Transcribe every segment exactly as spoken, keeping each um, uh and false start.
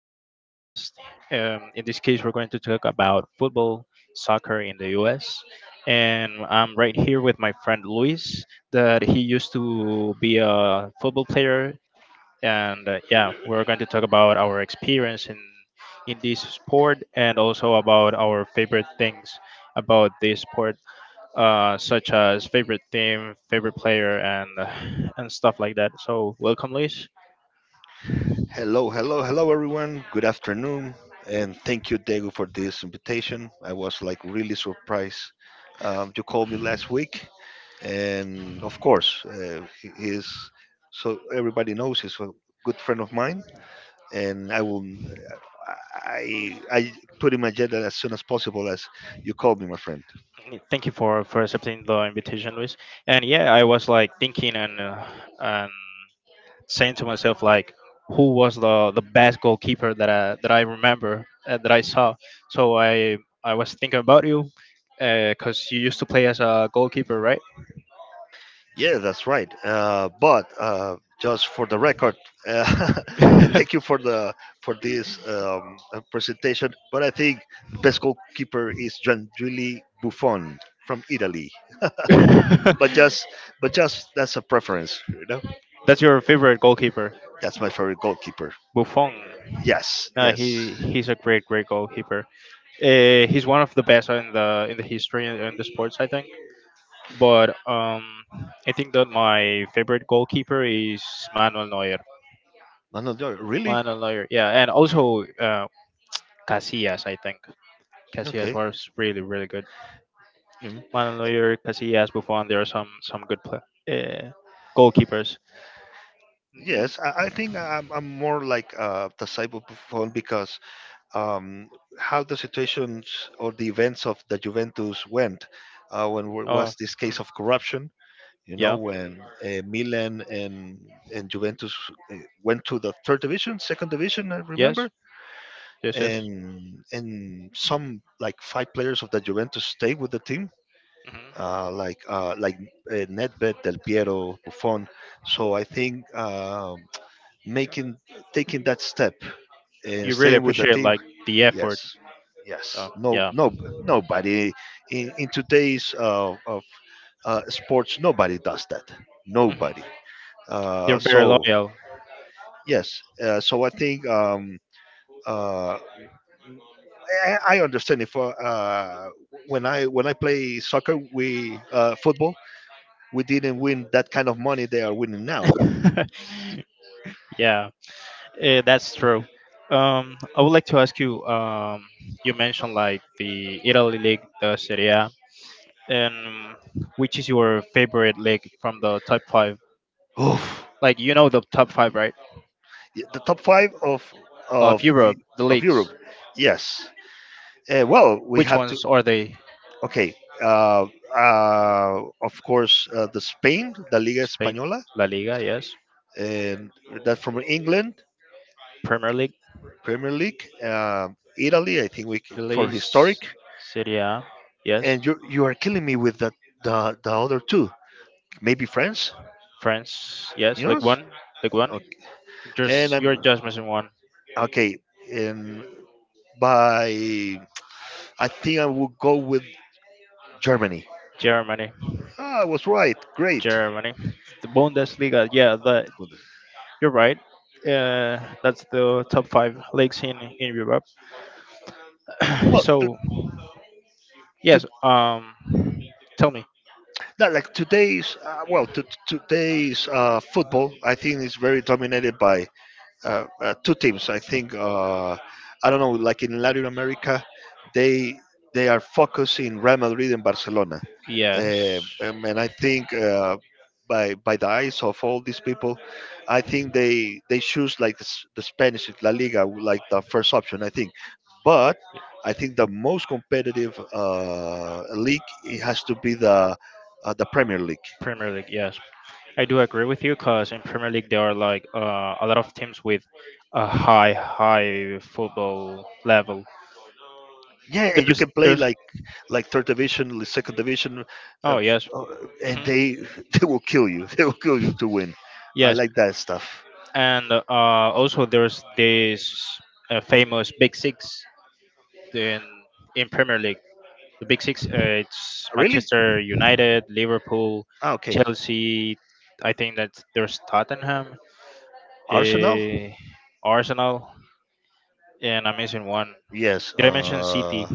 Ferreras podcast. Um, in this case, we're going to talk about football, soccer in the U S. And I'm right here with my friend Luis, that he used to be a football player. And uh, yeah, we're going to talk about our experience in, in this sport and also about our favorite things about this sport, uh, such as favorite team, favorite player, and, uh, and stuff like that. So, welcome, Luis. Hello, hello, hello, everyone. Good afternoon, and thank you, Diego, for this invitation. I was like really surprised. Um, you called me last week, and of course, uh, he he is so everybody knows he's a good friend of mine, and I will. Uh, I I put in my agenda as soon as possible as you called me, my friend. Mm, Thank you for, for accepting the invitation, Luis. And yeah, I was like thinking and uh, and saying to myself like, who was the, the best goalkeeper that I, that I remember uh, that I saw. So I I was thinking about you, because you used to play as a goalkeeper, right? Yeah, that's right. Uh, but uh, just for the record, uh, and thank you for the for this um, uh, presentation. But I think the best goalkeeper is Gianluigi Buffon from Italy. But just, but just that's a preference, you know. That's your favorite goalkeeper, That's my favorite goalkeeper. Buffon. Yes, No, yes. he he's a great great goalkeeper. Uh, he's one of the best in the in the history in the sports, I think. But um, I think that my favorite goalkeeper is Manuel Neuer. No, no, no, really? Manuel Neuer, yeah, and also uh, Casillas. I think Casillas Okay. was really really good. Mm. Manuel Neuer, Casillas, Buffon. There are some some good play, uh, goalkeepers. Mm, Yes, I, I think I'm, I'm more like uh, the cyber Buffon because um, how the situations or the events of the Juventus went uh, when w- oh, was this case mhm. of corruption. You know, Yeah, when uh, Milan and and Juventus uh, went to the third division, second division, I yes, remember, yes, yes. and and some like five players of the Juventus stayed with the team, Hmm. uh, like uh, like uh, Nedved, Del Piero, Buffon. So I think um making taking that step and You really staying with the appreciate team. like the effort. Yes. Yes. Oh, No. yeah. No. Nobody in, in today's uh, of uh, sports. Nobody does that. Hmm. Nobody. They're Uh, very so loyal. yes. Uh, so I think um, uh, I, I understand if uh, uh, when I when I play soccer, we uh, football, we didn't win that kind of money they are winning now. Yeah, eh, that's true. Um, I would like to ask you. Um, you mentioned like the Italy league, the Serie A, and which is your favorite league from the top five? Oof. Like you know the top five, right? Yeah, The top five of Of of Europe, the of leagues. Europe. Yes. Uh, well, we Which have to. ones are they? Okay. Uh, uh, of course, uh, the Spain, the Liga Spain, Española, La Liga, yes. and that from England, Premier League, Premier League, um, Italy. I think we c- for Italy, historic. Serie A, yes. And you you are killing me with the the, the other two. Maybe France. France, yes. League Yours. One, League One. Okay. And Just you're I'm just missing one. okay. And by I think I will go with Germany. Germany. Ah, I was right. Great. Germany, the Bundesliga. Yeah, that you're right. Uh, that's the top five leagues in in Europe. Well, to, So to yes, um, tell me. no, like today's uh, well, to, today's uh, football, I think is very dominated by uh, uh, two teams. I think uh, I don't know, like in Latin America, they they are focusing Real Madrid and Barcelona, uh, Yes, um, and I think uh, by by the eyes of all these people, I think they they choose like the, S- the Spanish La Liga like the first option. I think, but I think the most competitive uh, league it has to be the uh, the Premier League. Premier League. Yes, I do agree with you because in Premier League there are like uh, a lot of teams with a high high football level. Yeah, and you There's can play there's like like third division, like second division, uh, oh yes. uh, and Hmm. they they will kill you. They will kill you to win. I Yes. like that stuff. and uh, also there's this uh, famous Big Six in in Premier League. The Big Six, uh, it's Really? Manchester United, Liverpool, Ah, okay. Chelsea. I think that there's Tottenham, Arsenal? uh, Arsenal, and I'm missing one. Yes. Did I mention Uh, City?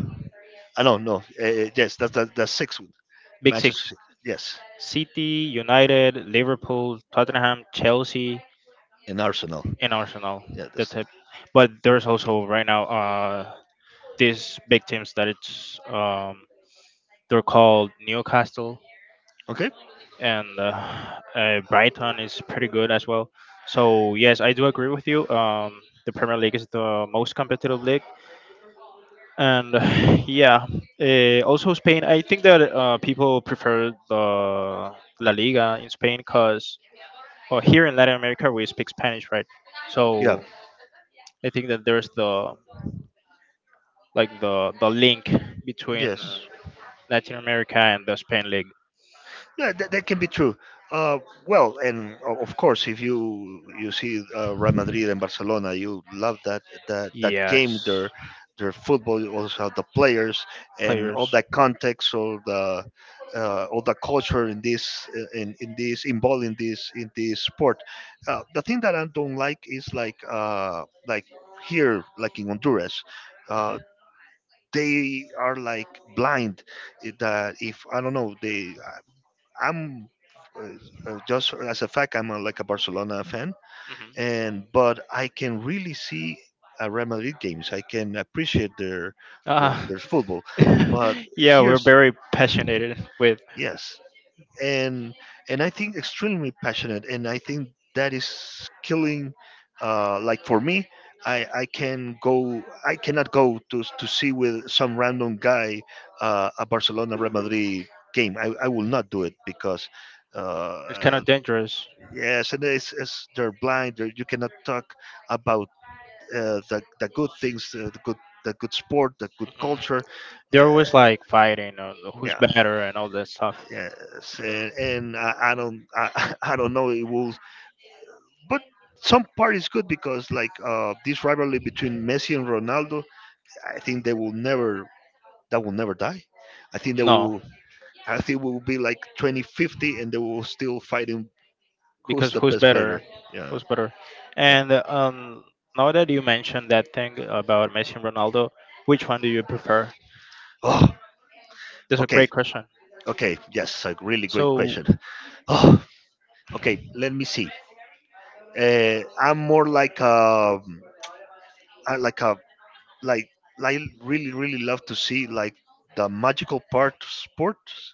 I don't know. Uh, yes, that's that, that's six. Big Six: Manchester. Yes, City, United, Liverpool, Tottenham, Chelsea, and Arsenal. and Arsenal. Yeah. That That's, type. But there's also right now uh, these big teams that it's um, they're called Newcastle Okay. and uh, uh, Brighton is pretty good as well. So yes, I do agree with you. Um, the Premier League is the most competitive league, and yeah, uh, also Spain. I think that uh, people prefer the La Liga in Spain because uh, here in Latin America we speak Spanish, right? Yeah. So I think that there's the like the the link between uh, Yes. Latin America and the Spain league. Yeah, that, that can be true. Uh, well, and o- of course, if you you see uh, Real Madrid and Barcelona, you love that that that game. Yes, Their their football, also the players and all players. that context, all the uh, all the culture in this uh, in in this involved in this in this sport. Uh, the thing that I don't like is like uh, like here, like in Honduras. Uh, they are like blind eh, that if I don't know they I'm uh, uh, just as a fact, I'm uh, like a Barcelona fan, Hmm. and but I can really see uh, Real Madrid games. I can appreciate their their, Uh, their football. But yeah, we're here's very passionate with. yes, and and I think extremely passionate, and I think that is killing. Uh, like for me, I, I can go. I cannot go to to see with some random guy uh, a Barcelona Real Madrid game. I, I will not do it because It's kind uh, of dangerous. yes, and it's, it's they're blind. They're, you cannot talk about uh, the the good things, uh, the good the good sport, the good culture. Uh, They're always like fighting on who's yeah, better and all that stuff. yes, and, and I, I don't I, I don't know it will, but some part is good because like uh, this rivalry between Messi and Ronaldo, I think they will never that will never die. I think they No, will. I think we will be like twenty fifty and they will still fighting who's because the who's best player. better? Yeah, Who's better? yeah. And um, now that you mentioned that thing about Messi and Ronaldo, which one do you prefer? Oh, That's a okay. great question. Okay, yes, a really So great question. Oh, okay, let me see. Uh, I'm more like a, I like a, like, I really, really love to see like the magical part of sports.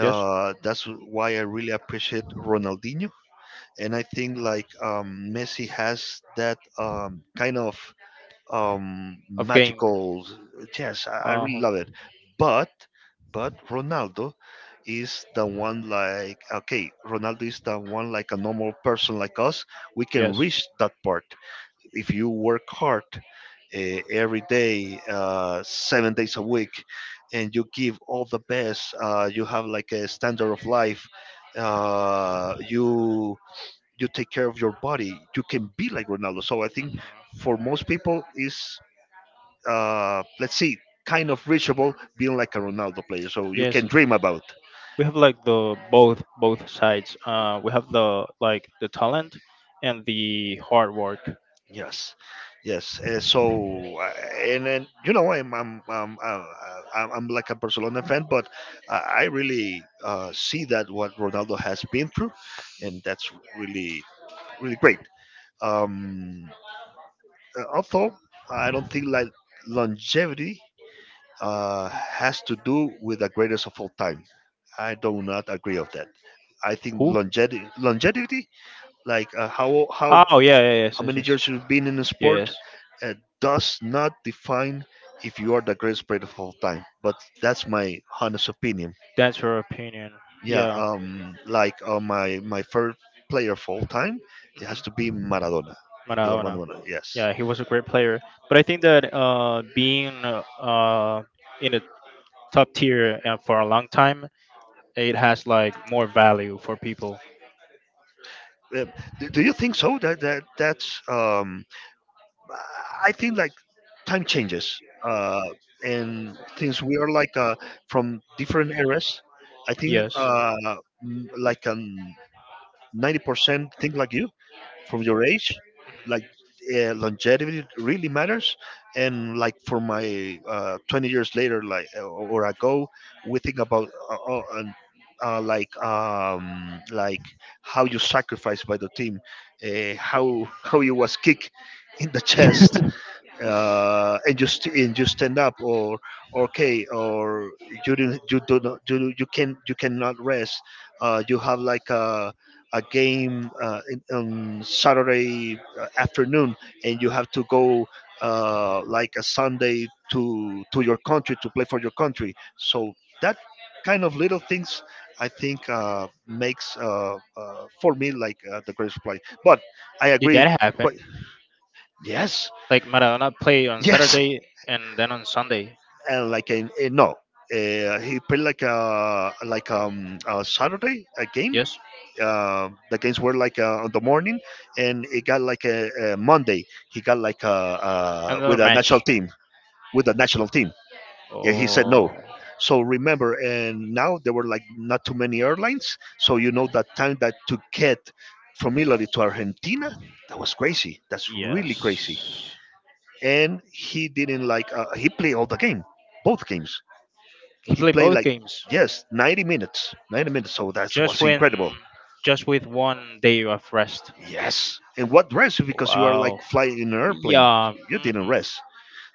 yes, That's why I really appreciate Ronaldinho, and I think like um, Messi has that um, kind of um, of game. magical. Yes, I, I really Um, love it. But but Ronaldo is the one like okay, Ronaldo is the one like a normal person like us. We can yes. reach that part if you work hard uh, every day, uh, seven days a week, and you give all the best. Uh, you have like a standard of life. Uh, you you take care of your body. You can be like Ronaldo. So I think for most people is uh, let's see, kind of reachable, being like a Ronaldo player. So you Yes, can dream about. we have like the both both sides. Uh, we have the like the talent and the hard work. Yes, yes. Uh, so uh, and then you know I'm I'm I'm, uh, I'm I'm like a Barcelona fan, but I I really uh, see that what Ronaldo has been through, and that's really really great. Um, uh, Although I don't think like longevity uh, has to do with the greatest of all time. I do not agree of that. I think Who? longevity, longevity, like uh, how how Oh yeah, yeah, how yes, yes, many yes, years you've been in a sport, yes. uh, does not define if you are the greatest player of all time. But that's my honest opinion. That's your opinion. Yeah, Yeah. um, like uh, my my favorite player of all time, it Mhm. has to be Maradona, Diego Maradona. Armando Maradona. Yes. Yeah, he was a great player. But I think that uh, being uh, in the top tier and for a long time it has like more value for people. Uh, do, do you think so? That that that's um I think like time changes uh, and since we are like uh, from different eras. I think Yes. uh, m- like um, ninety percent think like you from your age. Like uh, longevity really matters. And like for my uh, twenty years later, like uh, or ago, we think about uh, uh, and, uh, like um, like how you sacrificed by the team, uh, how how you was kicked in the chest uh, and just and just stand up or or okay or you didn't you do not you, you can you cannot rest, uh, you have like a a game uh, in- on Saturday uh, afternoon, and you have to go uh, like a Sunday to to your country to play for your country, so that kind of little things I think uh, makes uh, uh, for me like uh, the greatest play, but I Did agree that but happen? yes Like Maradona played on yes Saturday and then on Sunday. and like in, in- no, uh, he played like a like um a Saturday a game. Yes. Uh, the games were like uh, on the morning, and it got like a, a Monday. He got like a, uh Another with a national match. team with a national team. And he said no. Oh, So remember, and now there were like not too many airlines. So you know that time that to get from Italy to Argentina, that was crazy. That's really crazy. yes. And he didn't like uh, he played all the game, both games He he played played both like games. yes, ninety minutes, ninety minutes. So that's Just was when, incredible. just with one day of rest. Yes, and what rest? Because you are Wow. like flying in an airplane. Yeah. You Mhm. didn't rest.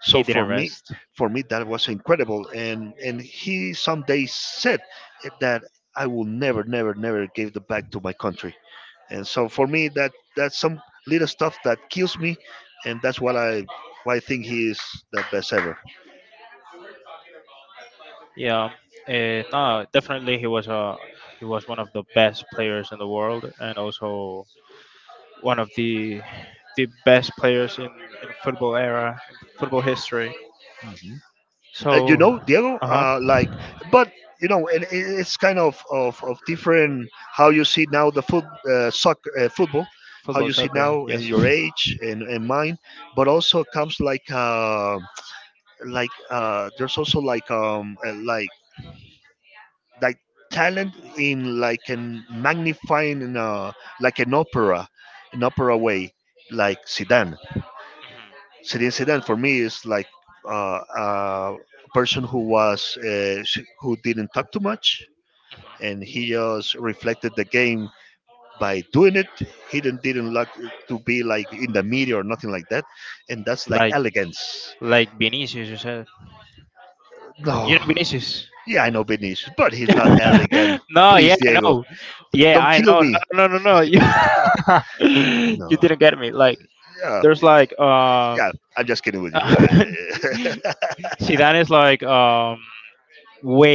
So He for didn't me, rest. for me that was incredible. And and he someday said that I will never, never, never give the back to my country. And so for me, that that's some little stuff that kills me, and that's what I why I think he is the best ever. Yeah. Uh, no, definitely he was a he was one of the best players in the world and also one of the the best players in, in football era, football history. Mhm. Uh, you So, know, Diego, uh huh, uh, like, but you know, and it- it's kind of, of, of different how you see now the foot uh, soccer uh, football, how football, you see soccer, now and yes. your age and, and mine, but also comes like uh, like uh, there's also like um uh, like like talent in like an magnifying in a, like an opera, an opera way, like Zidane Celine Sedan for me is like uh, a person who was uh, sh- who didn't talk too much, and he just reflected the game by doing it. He didn't didn't like to be like in the media or nothing like that, and that's like Like, elegance. like Vinicius, you said. You No, know Vinicius? yeah, I know Vinicius, but he's not elegant. no, yeah, Please, I Diego, know. Yeah, don't I kill know. No, me. no, no, no, no. You, you No, didn't get me. Like, yeah, there's like, um, yeah, I'm just kidding with you. Yeah. Zidane is like, um,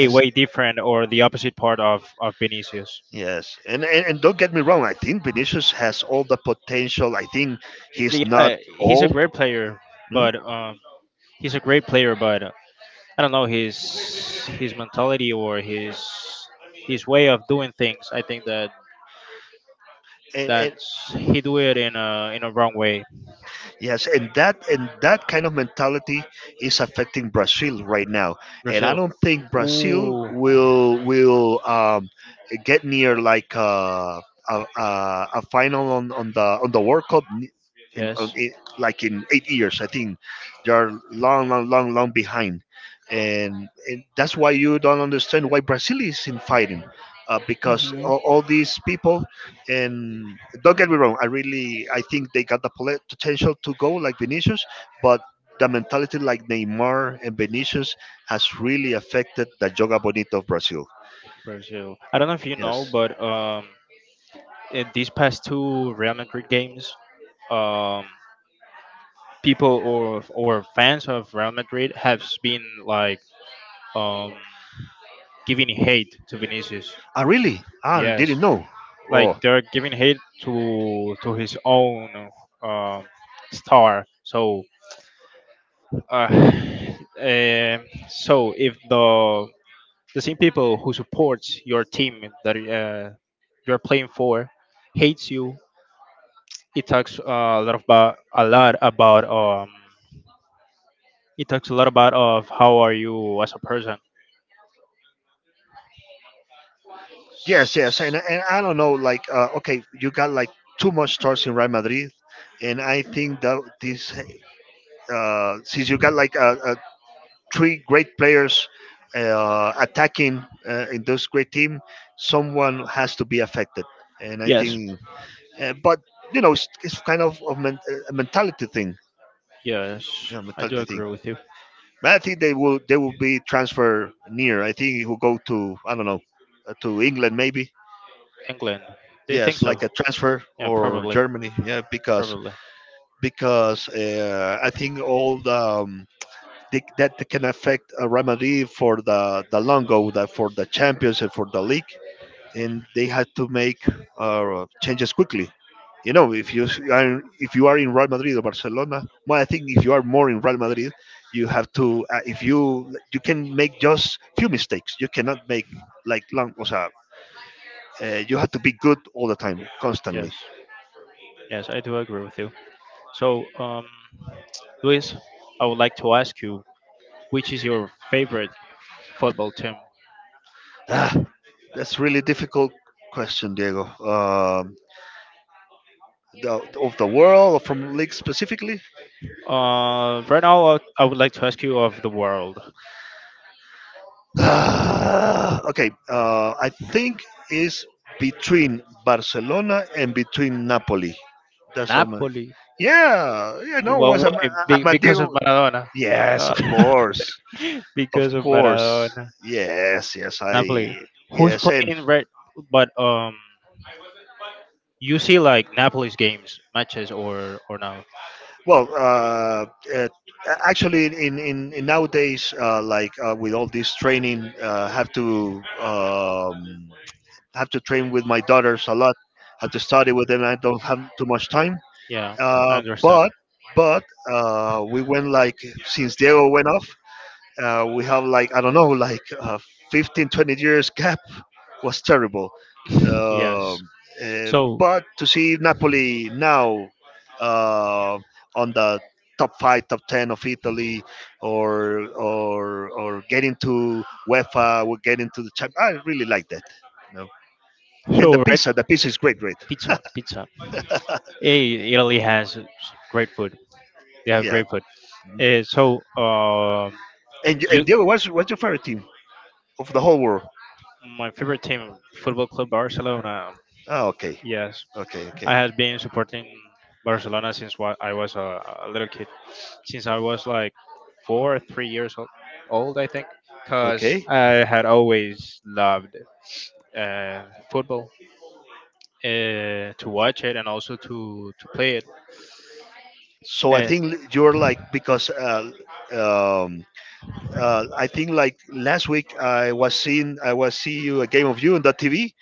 yes, way different or the opposite part of, of Vinicius. Yes, and, and and don't get me wrong. I think Vinicius has all the potential. I think he's not Yeah, he's a old, great player, you know? but, um, he's a great player, but I don't know his his mentality or his his way of doing things. I think that And, and that's he do it in a in a wrong way. Yes, and that and that kind of mentality is affecting Brazil right now, and I Brazil. don't think Brazil Ooh, will will um, get near like uh, a, a a final on, on the on the World Cup n- in, on, yes, I like in eight years. I think they are long, long, long, long behind, and, and that's why you don't understand why Brazil is in fighting, uh, because all, all these people and don't get me wrong, I really I think they got the pole- potential to go like Vinicius, but the mentality like Neymar and Vinicius has really affected the Joga Bonito of Brazil. Brazil. I don't know if you know, Yes. but um, in these past two Real Madrid games, um, people or or fans of Real Madrid have been like um giving hate to Vinicius. Ah, really? I Yes, didn't know. like Oh, they're giving hate to to his own um, star. So, uh, um so if the the same people who supports your team that uh, you're playing for hates you, it talks uh, a lot about a lot about um, it talks a lot about of how are you as a person. yes, yes. And, and I don't know, like, uh, okay, you got like too much stars in Real Madrid. And I think that this, uh, since you got like a, three great players uh, attacking uh, in this great team, someone has to be affected. And I Yes, think, uh, but you know, it's, it's kind of a, men- a mentality thing. yes, Yeah, I do mentality thing. agree with you. But I think they will they will be transfer near. I think he will go to I don't know uh, to England maybe. England, they think Yes, so. like a transfer Yeah, or probably, Germany. Yeah, because probably. because uh, I think all the um, they, that can affect uh, Real Madrid for the the longo the, for the champions and for the league and they had to make uh, changes quickly. You know, if you are if you are in Real Madrid or Barcelona, well, I think if you are more in Real Madrid you have to uh, if you you can make just few mistakes, you cannot make like long o sea, uh, you have to be good all the time constantly. Yes. Yes, I do agree with you. So, um, Luis, I would like to ask you, which is your favorite football team? Ah, that's really difficult question, Diego. um, the, of the world or from league specifically? Uh, right now, I I would like to ask you of the world. Ah, okay, uh, I think it's between Barcelona and between Napoli. That's how much. Napoli. Yeah, you know, Well, was Am- why? Be- because of Amadeo. Maradona. Yes, Uh, of course, of because of course. Maradona. Yes, yes, I. Napoli. Who's Yes, and playing right? But um, you see like Napoli's games, matches, or or no? well, uh, uh, actually, in in, in nowadays, uh, like uh, with all this training, uh, have to um, have to train with my daughters a lot. Have to study with them. I don't have too much time. Yeah, I Uh, understand. but but uh, we went like since Diego went off, uh, we have like I don't know like uh, fifteen, twenty years gap, was terrible. Yes. Um uh, So, but to see Napoli now uh, on the top five, top ten of Italy, or or or getting to UEFA, or getting to the champ, I really like that. And the so right. pizza, the pizza is great, right? Pizza, pizza. Eh, Italy has great food. They have Yeah. great food. Eh, so, uh, And and you, Diego, what's what's your favorite team of the whole world? my favorite team, Football Club Barcelona. Oh, okay, Yes, okay, okay, I have been supporting Barcelona since wa- I was a, a little kid, since I was like four, three years old, old I think, because okay. I had always loved uh, football, uh, to watch it and also to to play it. S- So I Uh, think you're like because uh, um, uh, I think like last week I was seeing I was see you a game of you on the T V,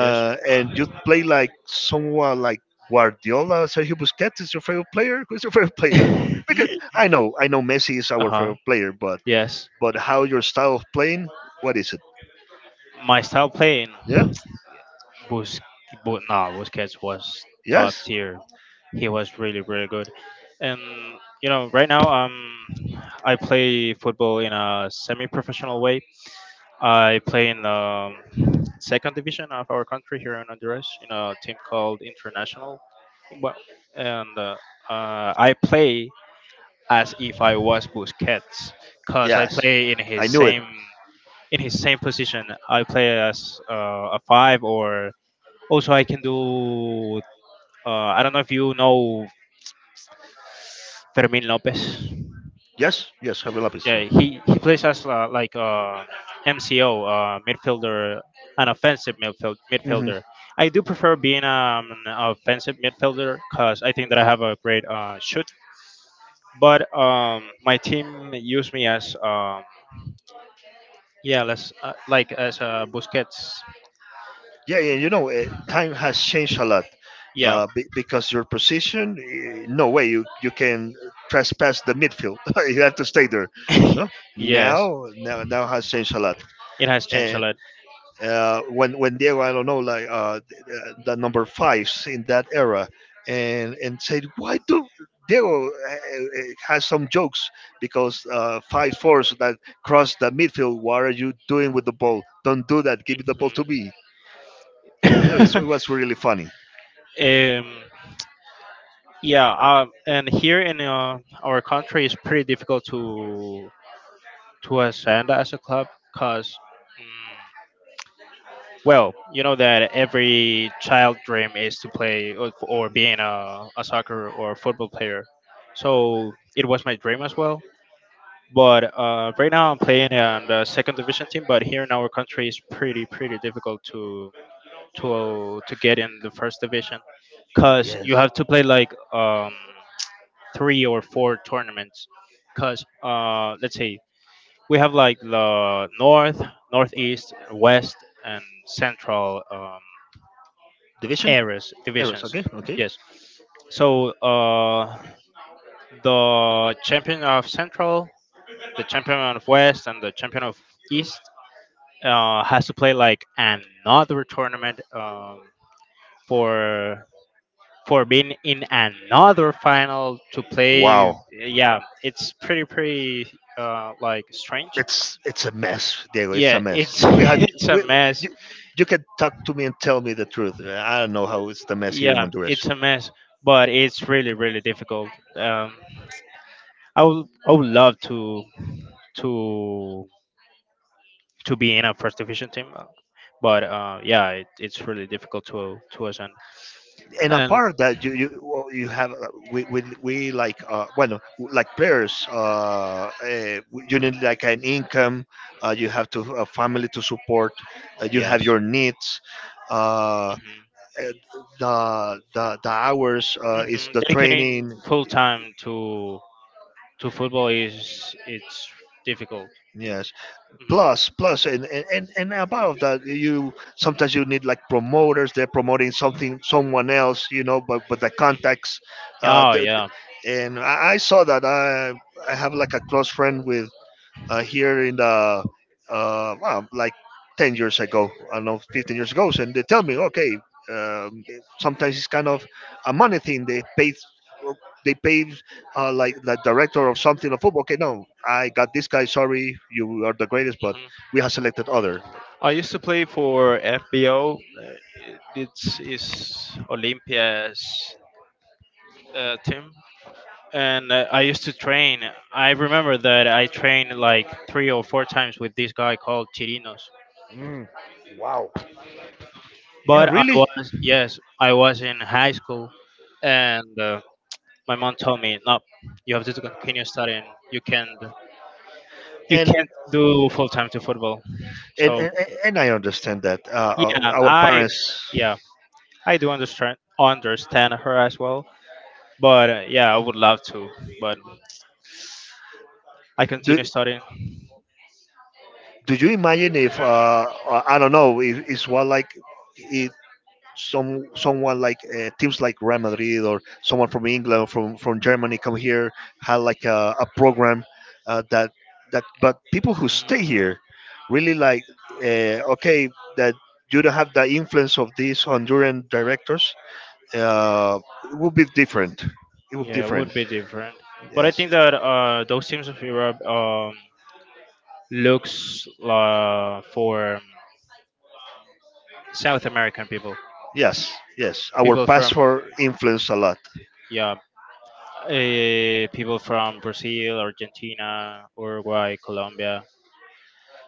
Yes. and you play like someone like Guardiola, Sergio Busquets is your favorite player. Who's your favorite player? Because I know I know Messi is uh our huh. favorite player, but Yes. but how your style of playing? What is it? My style playing, Yeah. Bus, but nah, Busquets was top Yes, tier. He was really really good, and you know right now um I play football in a semi-professional way. I play in the second division of our country here in Honduras in a team called International. Well, and uh, uh, I play as if I was Busquets, cause I yes, play in his I knew it. same in his same position. I play as uh, a five, or also I can do. Uh, I don't know if you know Fermin Lopez. Yes, yes, Javier Lapis. Yeah, Yeah, he he plays as uh, like uh, M C O uh, midfielder, an offensive midfield hmm. midfielder. I do prefer being um, an offensive midfielder because I think that I have a great uh, shoot. But um, my team used me as um, yeah, let's uh, like as uh, Busquets. Yeah, yeah, you know, eh, time has changed a lot. Yeah. Uh, be- because your position, eh, no way you, you can trespass the midfield. you have to stay there. No, yes, now, now, now has changed a lot. it has changed a lot. uh, when when Diego, I don't know, like uh, th- uh, the number fives in that era, and and said, why do Diego uh, uh, uh, has some jokes because uh, five fours that cross the midfield. What are you doing with the ball? Don't do that. Give the ball to me. So it's- it Mhm. was really funny. um, yeah, um, and here in uh, our country, it's pretty difficult to to ascend as a club because, well, you know that every child dream is to play or, or being a, a soccer or football player. So it was my dream as well. But uh, right now I'm playing on the second division team. But here in our country, it's pretty pretty difficult to to to get in the first division because Yes. you have to play like um, three or four tournaments. Because uh, let's say we have like the north, northeast, west, and central um, Division? areas divisions. Yes. So uh, the champion of central, the champion of west, and the champion of east uh, has to play like another tournament um, for for being in another final to play. Wow. Yeah, it's pretty pretty uh, like strange. It's it's a mess, Diego. It's Yeah, a mess. it's We had it's a we, mess. you, you can talk to me and tell me the truth. I don't know how it's the mess here in Yeah, it's Honduras. a mess, but it's really really difficult. Um, I would I would love to to to be in a first division team, uh, but uh, yeah, it, it's really difficult to to ascend. And And apart that you you well, you have uh, we we, we like uh well, like players, uh, uh you need like an income, uh, you have to a family to support, uh, you have yes. your needs, uh uh, the the, the hours, Hmm uh, is hmm. the Dedicating training. full time to to football is it's difficult. Yes, Hmm. plus plus and and and and above that you sometimes you need like promoters, they're promoting something someone else, you know, but but the contacts uh Oh they're- yeah. and I, I saw that i i have like a close friend with uh, here in the uh, well, like ten years ago, I don't know, fifteen years ago, and they tell me, okay, um, it- sometimes it's kind of a money thing. They pay, they pay uh, like the director of something of football. Okay, no, I got this guy. Sorry, you are the greatest, but Hmm. we have selected other. I used to play for F B O. uh, It's is Olympia's uh, team, and uh, I used to train. I remember that I trained like three or four times with this guy called Chirinos. Mm, wow. Yeah, But I really, was yes, I was in high school, and uh, my mom told me, no, you have to continue studying. You can't you and can't do full time to football. and So and, and I understand that uh, yeah, uh, um, our I parents. yeah I do understand understand her as well. But uh, yeah, I would love to, but I Do, continue studying. do you imagine if uh, uh, I don't know? Is, it's what like? It. Some someone like uh, teams like Real Madrid or someone from England or from from Germany come here had like a, a program uh, that that, but people who stay here really like uh, okay that you don't have the influence of these Honduran directors, uh, it would be different, it would be Yeah, it would different. be different. But I Yes, think that uh, those teams of Europe um, looks uh, for South American people, yes, yes, our people from passport influenced a lot. yeah uh, people from Brazil, Argentina, Uruguay, Colombia.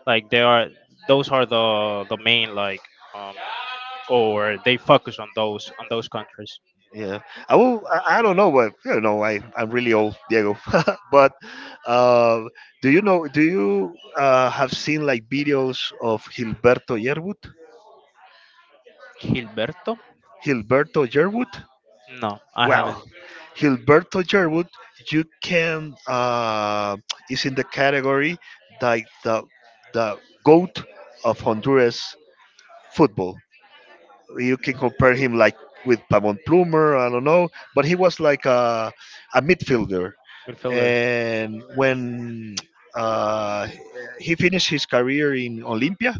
Like they are, those are the the main like, um, or they focus on those on those countries. Yeah, I will. I, I don't know, but you know, I I'm really old, Diego. but uh, do you know? Do you uh, have seen like videos of Gilberto Yerwood? Gilberto? Gilberto Yerwood? No, I haven't. Well, Gilberto Yerwood, you can uh, is in the category like the the goat of Honduras football. You can compare him like with Pamon Plumer. I don't know, but he was like a a midfielder, Midfielder. and when uh, he finished his career in Olympia,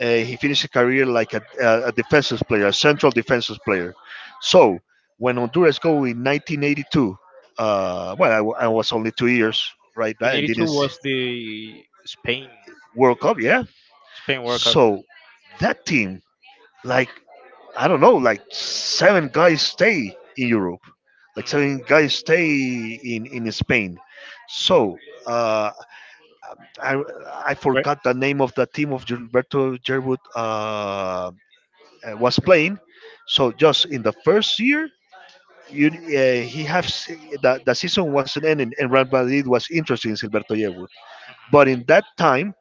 uh, he finished his career like a, a a defensive player, a central defensive player. So when Honduras go in nineteen eighty-two, uh, well, I, w- I was only two years, right? In I didn't 'eighty-two s- was the Spain World Cup, yeah. Spain World Cup. So that team, like I don't know, like seven guys stay in Europe, like Mm, seven guys stay in in Spain. So. Uh, I, I great forgot the name of the team of Gilberto Gerwood uh, uh, was playing. So just in the first year, you, uh, he has the, the season wasn't ending, and Real Madrid was interested in Gilberto Gerwood. But in that time,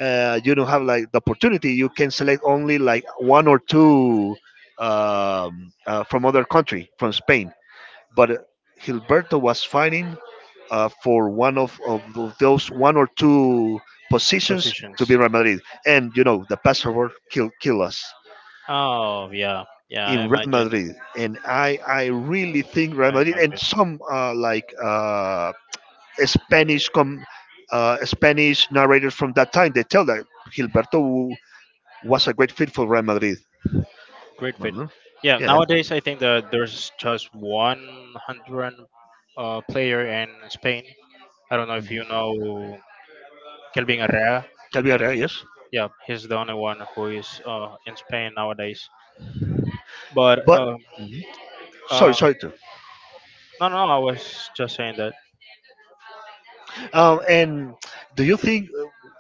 uh, you don't have like the opportunity. You can select only like one or two um, uh, from other country, from Spain, but uh, Gilberto was fighting uh, for one of, of th- those one or two positions to positions. be Real Madrid. And you know, the passport kill kill us Oh yeah, yeah. I in Real imagine. Madrid. And I I really think Real I Madrid and imagine. some uh, like uh, Spanish com uh, Spanish narrators from that time they tell that Gilberto was a great fit for Real Madrid. Great fit. Mhm. Yeah, Yeah. nowadays I think that there's just one hundred uh, player in Spain. I don't know if Mhm. you know Kelvin Herrera. Can be right, yes. Yeah, he's the only one who is uh, in Spain nowadays. But But um, mhm. Sorry, uh, sorry. Too. no, no, I was just saying that. Um, and do you think?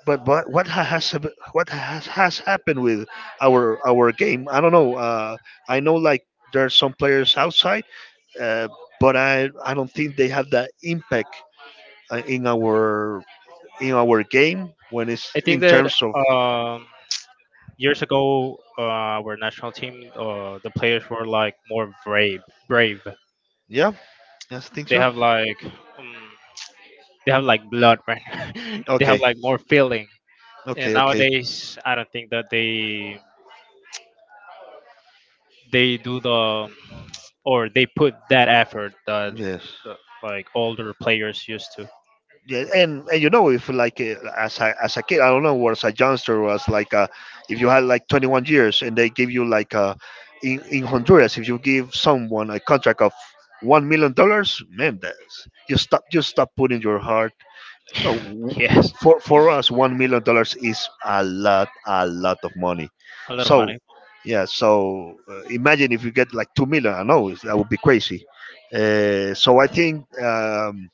But but what ha- has hap- what has, has happened with our our game? I don't know. Uh, I know like there's some players outside, uh, but I I don't think they have that impact uh, in our in our game when it's I think in that terms of um, years ago, uh, our national team, uh, the players were like more brave. Brave. yeah. Yes, I think They so. have like um, they have like blood, right? They have Okay, like more feeling. And okay, okay. nowadays, I don't think that they they do the or they put that effort that Yes. the, like older players used to. Yeah, and, and you know if like uh, as a as a kid, I don't know, or as a youngster, or as like uh if you had like twenty-one years and they give you like uh in in Honduras, if you give someone a contract of one million dollars, man, that's you stop you stop putting your heart. Well, w- Yes, for for us, one million dollars is a lot a lot of money. a lot of So money. yeah, so uh, imagine if you get like two million. I know it's, that would be crazy. Uh, so I think. Um,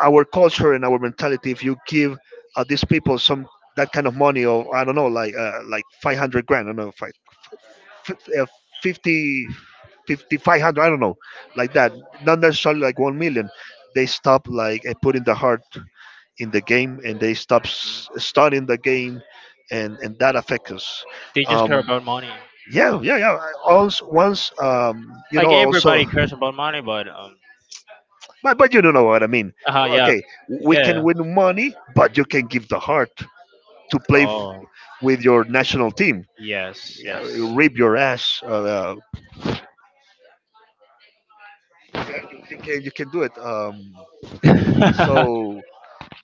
Our culture and our mentality if you give uh, these people some that kind of money or I don't know like uh, like five hundred grand, I don't know fi- f- f- uh, 50 fifty, five hundred, I don't know like that, not necessarily like one million. They stop like uh, putting the heart in the game and they stop s- studying the game and and that affects us. They just care um about money. yeah, yeah, yeah, I also once um you Like know also. everybody cares about money, but um, But, but you don't know what I mean. uh yeah, Okay, we can yeah. win money, but you can give the heart to play f- Oh, with your national team. yes, Yeah, yes. rip your ass. Uh, uh, yeah, you, you can you can do it. Um, so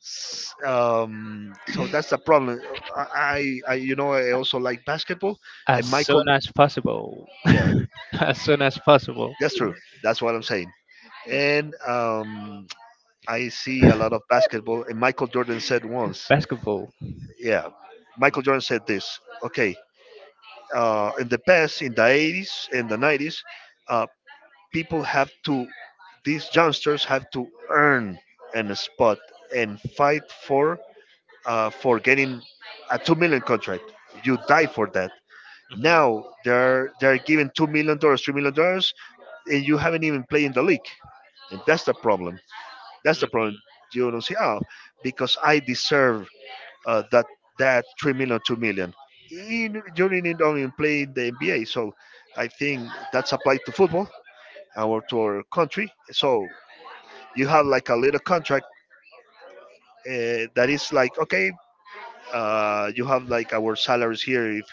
s- um, so that's the problem. I, I I- you know, I also like basketball As and soon Michael. as possible. Yeah, As soon as possible. that's true. That's what I'm saying. And um, I see a lot of basketball. And Michael Jordan said once, Basketball. yeah, Michael Jordan said this. Okay, uh, in the past, in the eighties and the nineties, uh, people have to, these youngsters have to earn an spot and fight for uh, for getting a two million contract. You die for that. Now they're they're given two million dollars, three million dollars, and you haven't even played in the league, and that's the problem. That's the Mhm. problem. You don't see, oh, because I deserve uh, that that three million, two million. In during it only played the N B A, so I think that's applied to football our to our country. So you have like a little contract uh, that is like okay, uh, you have like our salaries here if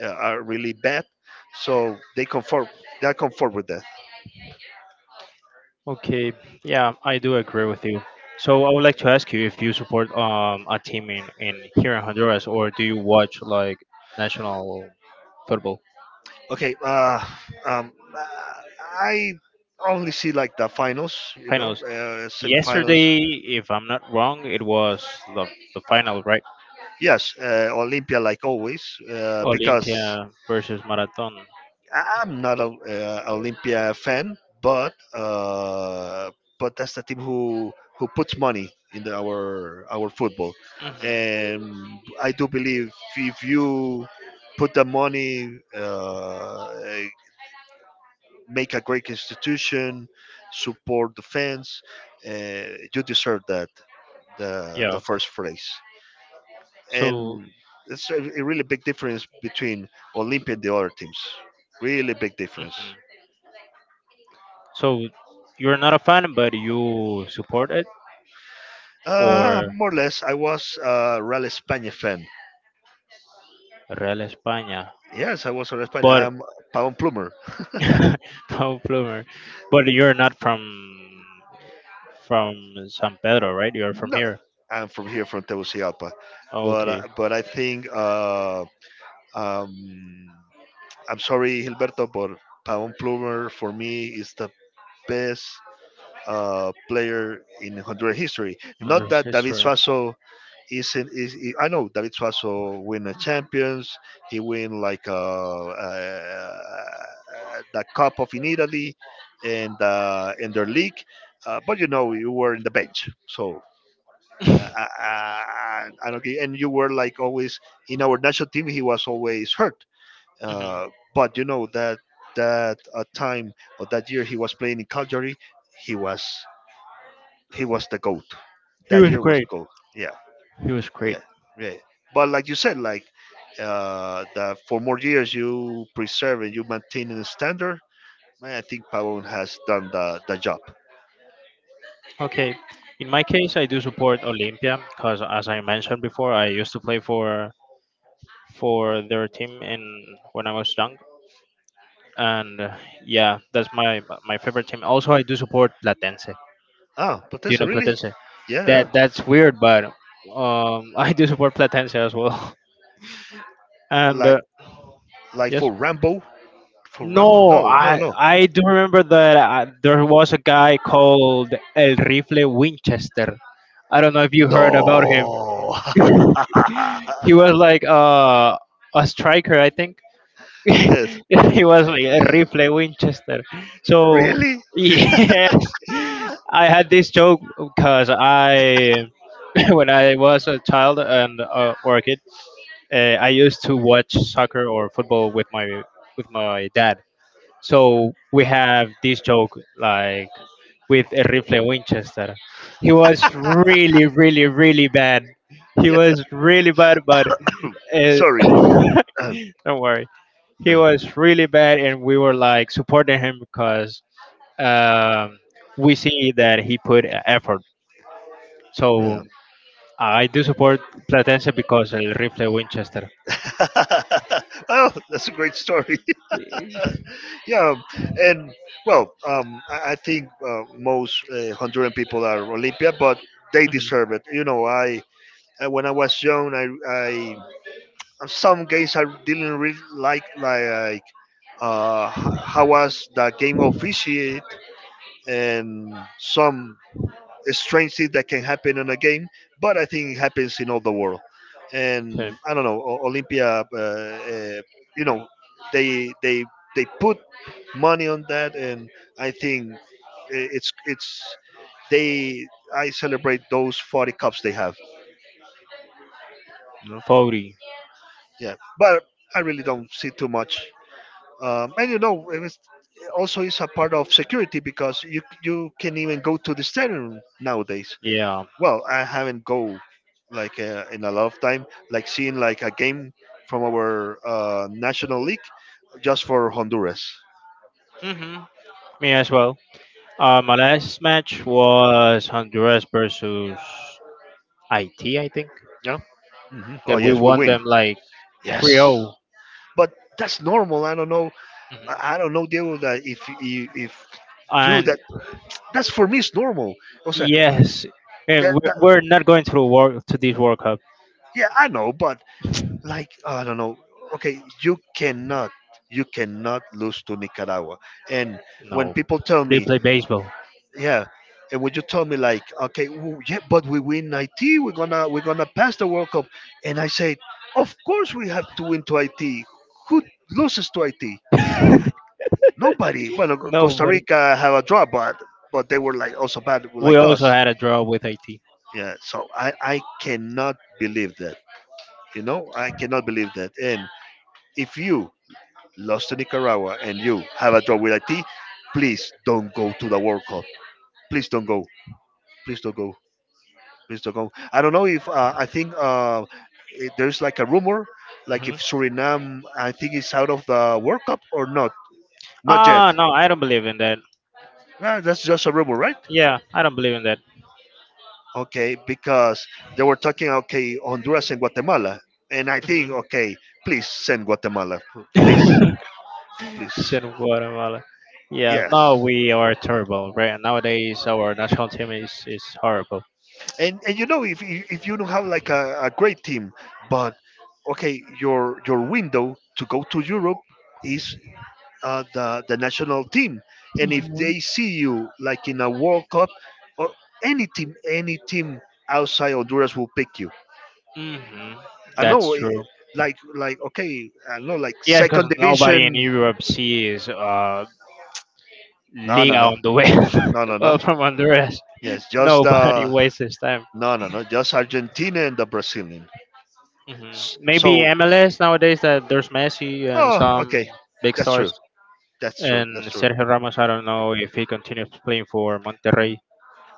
uh, are really bad, so they conform. They are conform with that. Okay, yeah, I do agree with you. So I would like to ask you if you support um a team in, in here in Honduras, or do you watch like national football Okay, uh, um, I only see like the finals, you know, finals? uh, semifinals. Yesterday, if I'm not wrong, it was the, the final, right? Yes, uh, Olympia, like always, uh, because Olympia versus Marathon. I- I'm not a uh, Olympia fan, but uh, but that's the team who who puts money in the, our our football, Hmm. and I do believe if you put the money, uh, make a great institution, support the fans, uh, you deserve that the the Yeah. first place. So And it's a, a really big difference between Olympia and the other teams. Really big difference. mhm. So you're not a fan, but you support it, Uh, or More or less, I was a Real España fan. Real España. Yes, I was a Real España. But I'm Pavon Plumer. Tom Plummer. But you're not from from San Pedro, right? You're from No, here. I'm from here, from Tegucigalpa. Oh, But uh, okay. but I think uh, um, I'm sorry, Gilberto, but Pavon Plumer for me is the best uh, player in Honduran history. Not There's that David history. Suazo. Is in is he- I know David Suazo win the champions. He win like uh, uh, uh, the cup of in Italy and uh, in their league. Uh, but you know you were in the bench, so uh, I, I, I don't get- and you were like always in our national team. He was always hurt. Hmm. Uh, but you know that that uh, time or that year he was playing in Calgary, he was he was the goat. He That was year was the great. goat. Yeah He was great. yeah yeah but like you said like uh that for more years you preserve and you maintain a standard, man, I think Pavon has done the, the job. Okay. In my case, I do support Olympia because, as I mentioned before, I used to play for for their team in when I was young, and uh, yeah, that's my my favorite team. Also, I do support Platense. Ah, but Do you know really? Platense? Yeah yeah. That that's weird, but um, I do support Platense as well. And like uh, like yes. for Rambo? For Rambo? No, no no I no I do remember that uh, there was a guy called El Rifle Winchester. I don't know if you heard about him. no He was like uh, a striker, I think. Yes. It was like a Yeah, rifle Winchester. So really. yes, I had this joke because I, when I was a child and uh, or a kid, uh, I used to watch soccer or football with my with my dad. So we have this joke like with a rifle Winchester. He was really, really, really bad. He Yeah. was really bad, but uh, Sorry. Um, don't worry. He uh, was really bad, and we were like supporting him because um, we see that he put e- effort. So yeah. I do support Platense because El Rifle Winchester. Oh, that's a great story. Yeah, and well, um, I, I think uh, most uh, Honduran people are Olympia, but they deserve it. You know, I uh, when I was young, I, I some games I didn't really like like uh, h- how was the game officiate and some strange thing that can happen in a game, but I think it happens in all the world. Okay. And I don't know, O- Olympia, uh, uh, you know, they they they put money on that, and I think I- it's it's they I celebrate those forty cups they have. You know, forty. yeah, but I really don't see too much. Um, and you know, it was, also it's a part of security because you you can even go to the stadium nowadays. Yeah. Well, I haven't go like uh, in a lot of time, like seeing like a game from our uh, national league, just for Honduras. Hmm. Me as well. Uh, my last match was Honduras versus I T, I think. Yeah. Hmm. Oh That we yes, we won win. them like three Yes, zero, but that's normal. I don't know. I I don't know, Diego. That if you if you And that that's for me it's normal. Also, yes, and that, we- that, we're not going to the world to this World Cup. yeah, I know, but like I don't know. Okay, you cannot you cannot lose to Nicaragua. And when No, people tell they me, play baseball. yeah, and when you told me like, okay, w yeah, but we win it, we're gonna we're gonna pass the world cup. And I said, of course we have to win to it. Who loses to it? Nobody. Well, No, Costa but Rica have a draw, but but they were like also bad we like also us. had a draw with Haiti. Yeah, so i i cannot believe that, you know, I cannot believe that. And if you lost to Nicaragua and you have a draw with it, please don't go to the World Cup, please don't go, please don't go, mister Kong. I don't know if uh, I think uh, it, there's like a rumor, like if Mhm. Suriname, I think, is out of the World Cup or not. Not yet. Ah, no, I don't believe in that. Ah, that's just a rumor, right? Yeah, I don't believe in that. Okay, because they were talking, okay, Honduras and Guatemala, and I think, Mhm. okay, please send Guatemala, p- please, please, Sin Guatemala. Yeah, no, yes. we are terrible, right? Nowadays, our national team is, is horrible. And and you know, if if if you don't have like a, a great team, but okay, your your window to go to Europe is uh, the the national team. And if they see you like in a World Cup or any team, any team outside Honduras will pick you. Hmm. I That's know, eh, true. like like okay, I know like Yes, because second nobody in division. Europe sees uh, No, no, Liga no, on the way no, no, no. uh, from Honduras. Yes, just Nobody the wastes time. no, no, no, just Argentina and the Brazilian. Hmm. S- So, Maybe M L S nowadays that there's Messi and oh, some okay, big that's stars true. That's true. and That's true. Sergio Ramos. I don't know if he continues playing for Monterrey.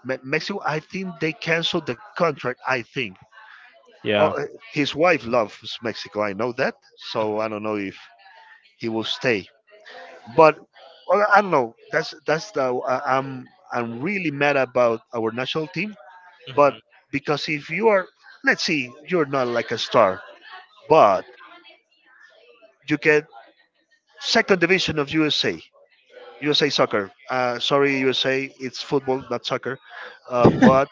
Me- Mexico, I think they canceled the contract. I think, oh, Yeah. uh, his wife loves Mexico. I know that, so I don't know if he will stay. But well, I don't know. That's that's the uh, I'm I'm really mad about our national team. But Mhm. because if you are, let's see, you're not like a star, but you get second division of U S A, U S A soccer. Uh, sorry, U S A, it's football, not soccer. Uh, Mhm. But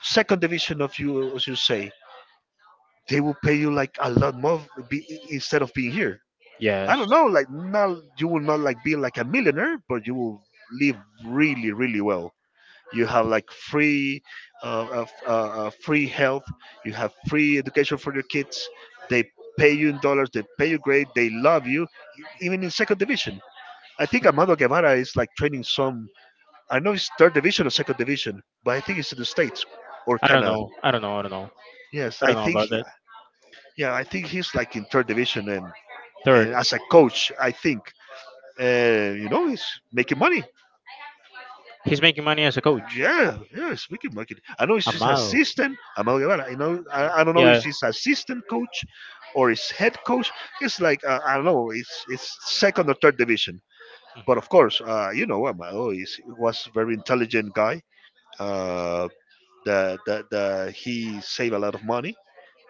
second division of U S A, they will pay you like a lot more be, instead of being here. I Yes. don't know, like not you will not like be like a millionaire, but you will live really, really well. You have like free, uh, uh, f- uh, uh, free health. You have free education for your kids. They pay you in dollars. They pay you great. They love you, e- even in second division. I think Amado Guevara is like training some. I know it's third division or second division, but I think it's in the states or I don't Canada. know. I don't know. I don't know. Yes, I I don't know about think. that. Yeah, yeah, I think he's like in third division, and and Third. as a coach, I think, and you know he's making money. He's making money as a coach. Yeah, yeah, he's making money. I know he's his Amado. assistant, Amado Guevara. You know, Mhm. I, I don't know if Yeah. he's assistant coach or his head coach. It's like uh, I don't know. It's it's second or third division. But of course, uh, you know, Amado is was a very intelligent guy. Uh, the, the, the, he saved a lot of money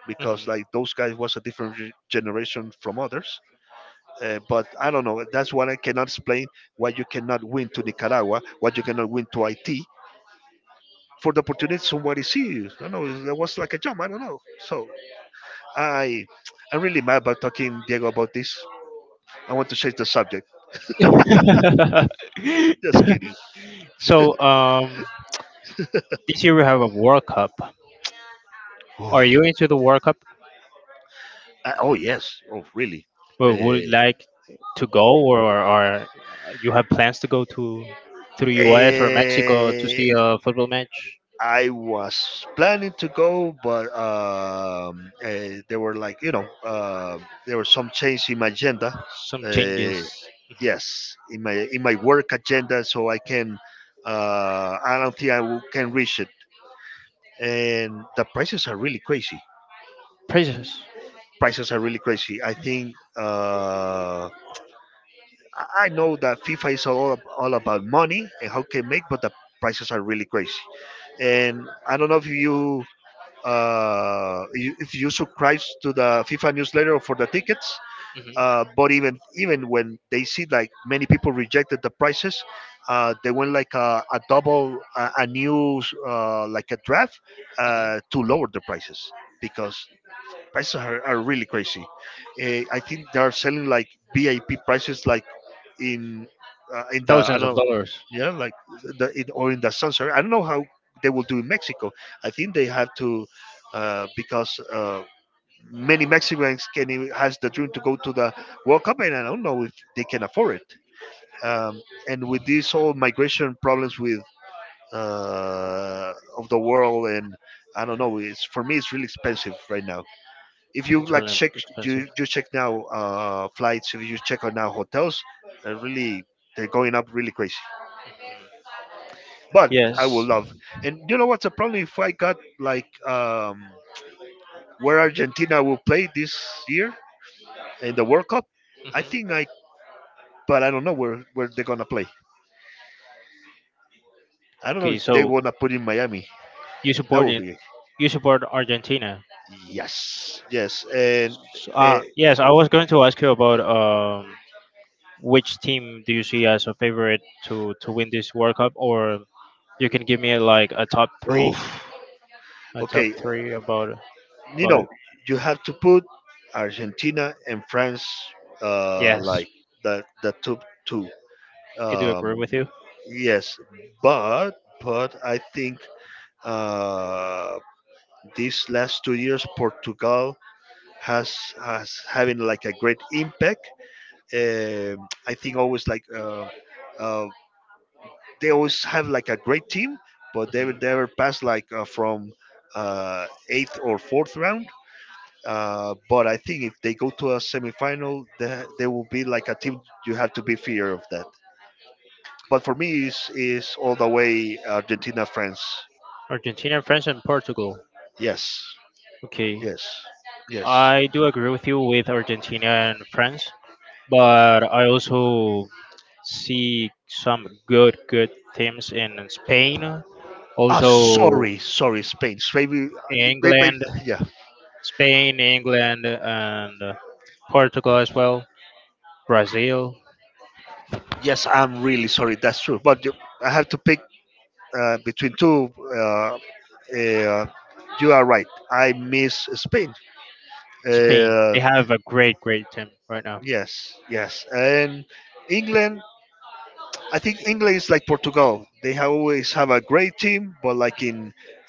because Mhm. like those guys was a different re- generation from others. Uh, but I don't know. That's what I cannot explain. Why you cannot win to Nicaragua? Why you cannot win Mhm. to I T? For the opportunity, somebody see you. I don't know. That was like a jump. I don't know. So I, I'm really mad about talking Diego about this. I want to change the subject. Just kidding. So um, this year we have a World Cup. Are Oh, you into the World Cup? I- oh yes. Oh, really? Or would you Uh, like to go, or, or you have plans to go to to the U S or Mexico to uh, see a football match? I was planning to go, but um, uh, there were like you know uh, there were some change in my agenda. Some changes. Uh, Mhm. yes, in my in my work agenda, so I can. Uh, I don't think I will, can reach it, and the prices are really crazy. Prices. Prices are really crazy. I think uh, I I know that FIFA is all ab- all about money and how can make, but the prices are really crazy. And I don't know if you uh, you- if you subscribe to the FIFA newsletter for the tickets. Uh, but even even when they see like many people rejected the prices, uh, they went like a, a double a, a new uh, like a draft uh, to lower the prices because prices are, are really crazy. Uh, I think they are selling like V I P prices, like in uh, in the I Thousands of don't know, dollars. yeah, like the in, or in the sunset. I don't know how they will do in Mexico. I think they have to uh, because uh, many Mexicans can even- has the dream to go to the World Cup, and I don't know if they can afford it. Um, and with these whole migration problems with uh, of the world, and I don't know, it's for me it's really expensive right now if you It's like really check expensive. you, you check now uh, flights, if you check on now hotels, uh, really, they're going up really crazy, but I will Yes. love, and you know what's the problem, if I got like um, where Argentina will play this year in the World Cup. I Mhm. think I, but I don't know where where they're gonna play. I don't know Okay, if they so wanna put in Miami. you That support would it. be You support Argentina. yes, yes. And So, uh, uh, yes, I was going to ask you about um, which team do you see as a favorite to to win this World Cup, or you can give me like a top oh, three, a top okay. three about You about know, it. you have to put Argentina and France uh, Yes, like the the top two. I do agree Um, with you. yes, but but I think uh, these last two years Portugal has has having like a great impact. Um I think always like uh, uh, they always have like a great team, but they Mhm. were- they were passed like uh, from uh, eighth or fourth round. Uh, but I think if they go to a semifinal, they, they will be like a team you have to be fear of that. But for me, is is all the way Argentina France. Argentina, France, and Portugal. Yes, Okay, yes, yes. I do agree with you with Argentina and France, but I also see some good good teams in Spain. Ah, Also, sorry, sorry, Spain. Maybe, maybe, England, yeah. Spain, England, and uh, Portugal as well, Brazil, Yes, I'm really sorry. That's true. But you- I have to pick uh, between two. Uh, uh, you are right. I miss Spain. Spain. Uh, They have a great, great team right now. yes, yes, and England. I think England is like Portugal. They have always have a great team, but like in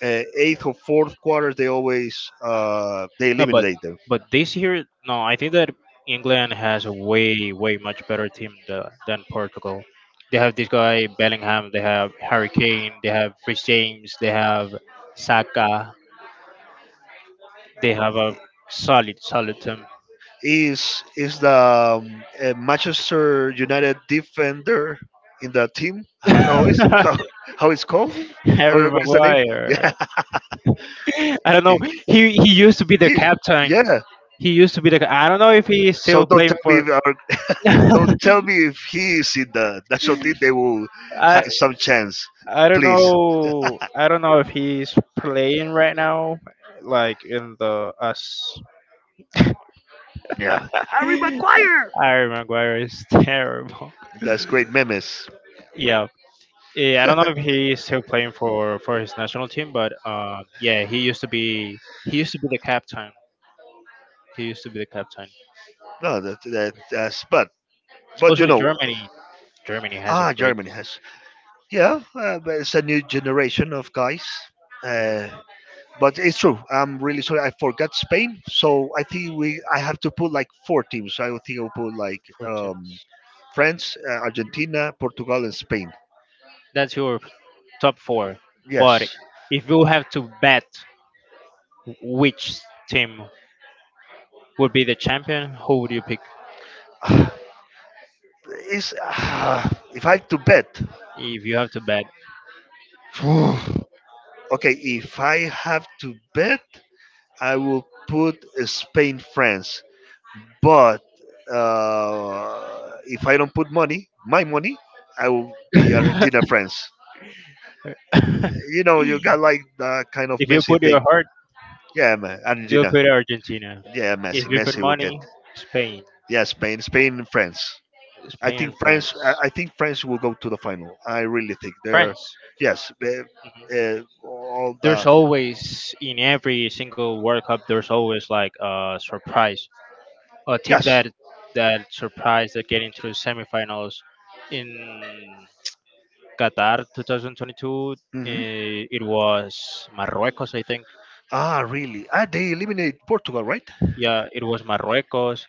uh, eighth or fourth quarter, they always uh, they No, but eliminate them. but this year, no, I think that England has a way, way much better team tha- than Portugal. They have this guy Bellingham. They have Harry Kane. They have Rich James. They have Saka. They have a solid, solid team. Is is the um, uh, Manchester United defender in the team? I don't know. Is how how it's called? Harry How- What's the name? Yeah, Maguire. I don't know. if He he used to be the he, captain. yeah. He used to be the. I don't know if he's So still don't playing tell me for. if our, I don't tell me if he is in the national team. They will have some chance, I don't please. know. I don't know if he's playing right now. Like in the US. Yeah, Harry Maguire is terrible. that's great memes. Yeah. Yeah, I don't know if he's still playing for for his national team, but uh, yeah, he used to be he used to be the captain. He used to be the captain. No, that that that's but but you Also, know, Germany. Germany has a ah, great Germany has yeah, uh, but it's a new generation of guys. Uh, mm, but it's true. I'm really sorry. I forgot Spain, so I think we I have to put like four teams. I would think I'll put like four um, teams. France, uh, Argentina, Portugal, and Spain. That's your top four. But Yes. if you have to bet which team would be the champion, who would you pick It's, ah, if I have to bet, if you have to bet? okay. If I have to bet, I will put uh, Spain, France. But uh, if I don't put money, my money, I will be If Argentina, France. You know, you got like that kind of you Messi put your thing. heart, Yeah, man, you'll Argentina. put Argentina. Yeah, If Messi. you put Messi will get. money, Spain. Yeah, Spain, Spain, and France. I Spain think and France. France. I I think France will go to the final. I really think they're. France. Yes, they- Mhm. uh, all There's the. always in every single World Cup there's always like a surprise. A team Yes. that that surprised that get into the semifinals in Qatar twenty twenty-two, Hmm. eh, it was Marruecos I think. Ah, really? Ah, they eliminate Portugal, right? Yeah, it was Marruecos.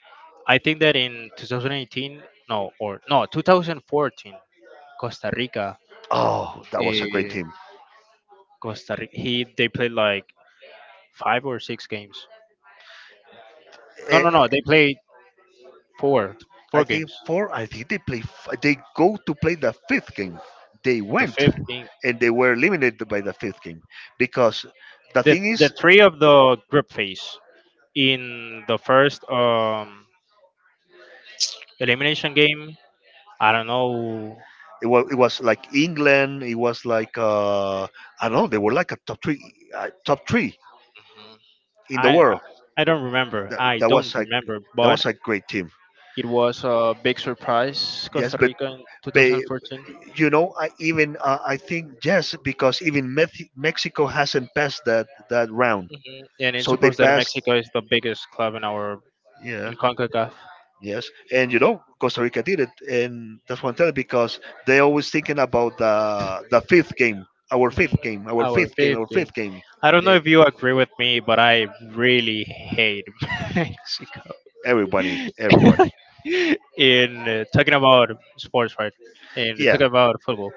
I think that in two thousand eighteen, no, or no, twenty fourteen, Costa Rica. Oh, that was a great Uh, team. Costa Rica. He they played like five or six games. No, Eh, no, no. They played four, I four think games. four. I think they play. f- They go to play the fifth game. They The went, fifth game, and they were eliminated by the fifth game because the the thing the is, three of the group phase. In the first um elimination game, I don't know. it was, it was like England. It was like uh, I don't know. They were like a top three, uh, top three in the I I world. I don't remember. That, I that was don't like remember. that was But a great team. it was a big surprise, Yes, Costa but Rica in but twenty fourteen. you know, I even uh, I think yes because even Meth- Mexico hasn't passed that that round, Hmm. And it's so they supposed that passed. Mexico is the biggest club in our in Yeah. CONCACAF. Yes, and you know Costa Rica did it, and that's what I'm telling because they always thinking about the the fifth game, our Hmm. fifth game, our Our fifth game, fifth our game. fifth game. I don't know They- if you agree with me, but I really hate Mexico. Everybody, everybody. In uh, talking about sports, right? And Yeah, talking about football.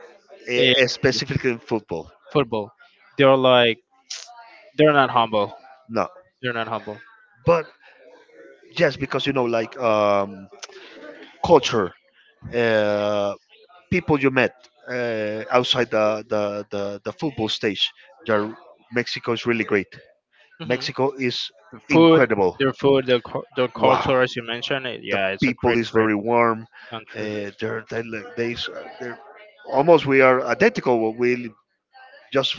In e- specifically in football. football, they're like they're not humble. No, They're not humble. but just because you know, like um, culture, uh, people you met uh, outside the, the the the football stage. The Mexico is really great. Mexico is The food, incredible. their food, their, cul- their Wow, culture, as you mentioned, it, the yeah, it's a people great, is great very warm. country. Uh, they're, they like they s- uh, they're almost we are identical. Well, we live just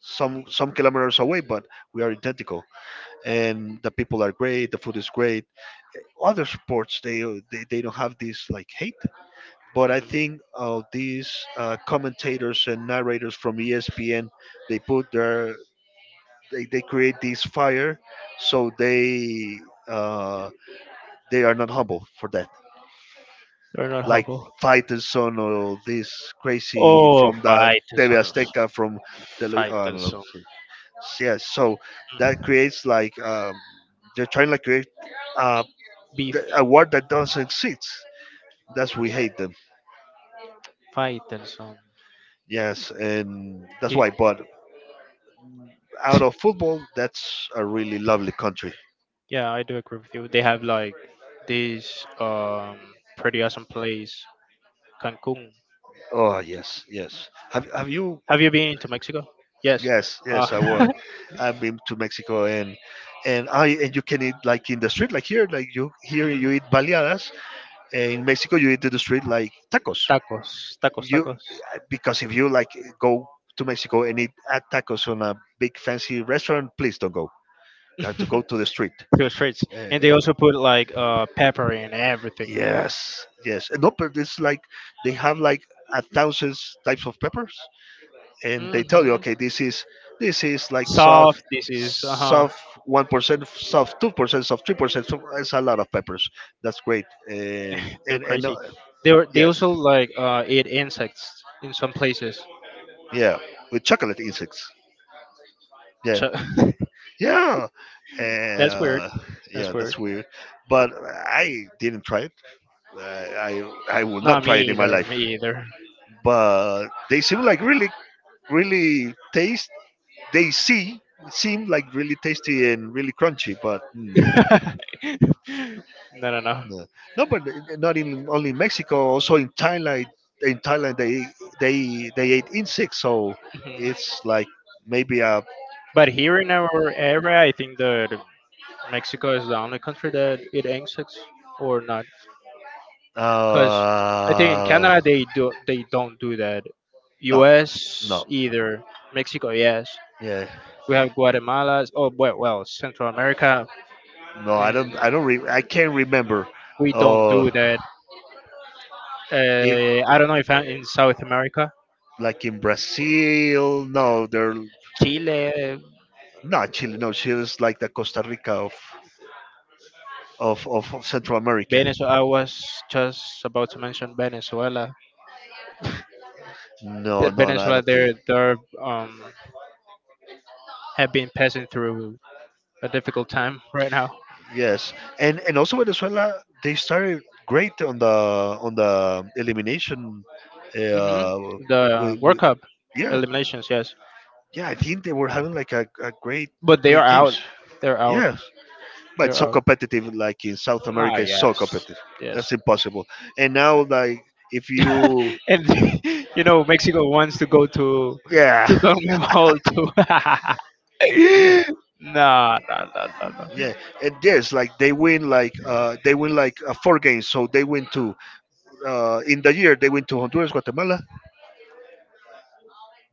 some some kilometers away, but we are identical. And the people are great. The food is great. Other sports they they, they don't have this like hate. But I think uh, these uh, commentators and narrators from E S P N they put their they, they create this fire, so they uh, they are not humble for that They're not like humble. Fighter Son or this crazy Oh, from the T V Faitelson. Azteca from tele. I don't know. Faitelson. See. So, yeah, so that creates like um, they're trying to create uh, th- Beef. a word that doesn't exist. That's we hate them. Faitelson. Yes, and that's He, why. But out of football, that's a really lovely country. yeah, I do agree with you. They have like this um pretty awesome place, Cancun. Oh yes, yes. Have have you? Have you been to Mexico? Yes. Yes, yes. I Uh, was. I've been to Mexico, and and I and you can eat like in the street, like here, like you here mhm. you eat baleadas, in Mexico you eat in the street like tacos. Tacos, tacos, You tacos. because if you like go to Mexico and eat at tacos on a big fancy restaurant, please don't go. You have to go to the street. Two streets, and they Uh, also put like uh, pepper in everything. yes, yes. No, but it's like they have like a thousand types of peppers, and they tell you, Hmm. okay, this is this is like soft, Soft. This is uh huh. soft one percent, soft two percent, soft three percent. So, it's a lot of peppers. That's great. Um, They're And and uh, crazy. They were, they yes, also like uh, eat insects in some places. yeah, with chocolate insects. Yeah, Ch- yeah, That's weird. uh, That's yeah. weird. That's weird, but I didn't try it. I, I I will not Not me try it in my either. life. Me either. But they seem like really, really taste. They see Seem like really tasty and really crunchy. But mm, No, no, no. no, no, but not in only in Mexico. Also in Thailand, in Thailand they they they ate insects. So Mhm. it's like maybe a But here in our area, I think that Mexico is the only country that it insects or not. Cause I think in uh, Canada they do they don't do that. no, U S no. either. Mexico, yes. Yeah, We have Guatemala. Oh well, well Central America, no, I and don't. I don't. Re- I can't remember. we don't Uh, do that. if Uh, I don't know if I'm in South America. like in Brazil, no, they're Chile, not Chile. No, Chile is like the Costa Rica of of of Central America. Venezuela. I was just about to mention Venezuela. No, That no, no, I Venezuela don't think. there there um, have been passing through a difficult time right now. Yes, and and also Venezuela, they started great on the on the elimination. Hmm. Uh, The we, World we, Cup yeah, eliminations, yes, yeah, I think they were having like a, a great but they great are out. games. They're out. Yeah, but They're it's so out. competitive. Like in South Nah, America, it's so yes, competitive. That's yes. impossible. And now, like if you, And you know, Mexico wants to go to yeah, to CONMEBOL too. yeah, Nah, nah, nah, nah, nah. yeah, and yes, like they win, like uh, they win like uh, four games. So they win two uh, in the year they win to Honduras, Guatemala.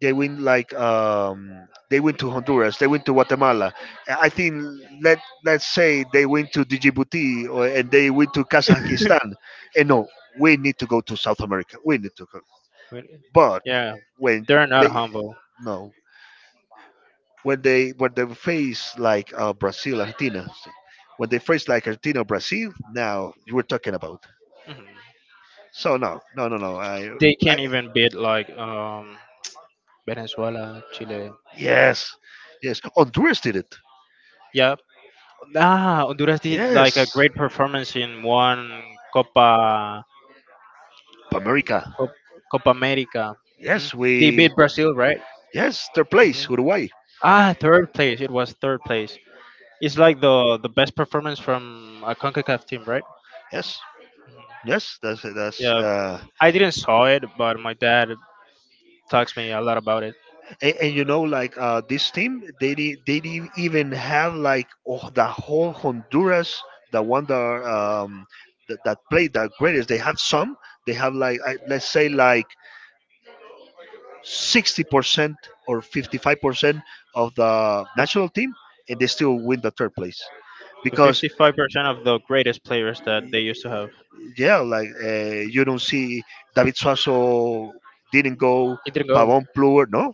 They win like um, they win to Honduras. They win to Guatemala. I think let let's say they went to Djibouti or, and they went to Kazakhstan. And no, we need to go to South America. We need to go. Wait, But yeah, when they're not they humble. no, when they when they face like uh, Brazil, Argentina, si, when they face like Argentina, Brazil, now you were talking about. Mhm. So no, no, no, no. I, They I can't even beat like um Venezuela, Chile. yes, yes. Honduras did it. Yeah, ah, Honduras did like a Yes, great performance in one Copa America. Cop- Copa America. Yes, Mhm. They we. beat Brazil, right? Yes, their place, Mhm. Uruguay. Ah, third place. It was third place. It's like the the best performance from a CONCACAF team, right? Yes, yes. That's that's. Yeah. Uh, I didn't saw it, but my dad talks me a lot about it. and, and you know like uh, this team they did they didn't even have like oh, the whole honduras the one that um that, that played the greatest they have some they have like I, let's say like sixty percent or fifty-five percent of the Of national team and they still win the third place the because fifty-five percent of the greatest players that they used to have. yeah like uh, you don't see david suazo didn't go It didn't go. pavon pluer no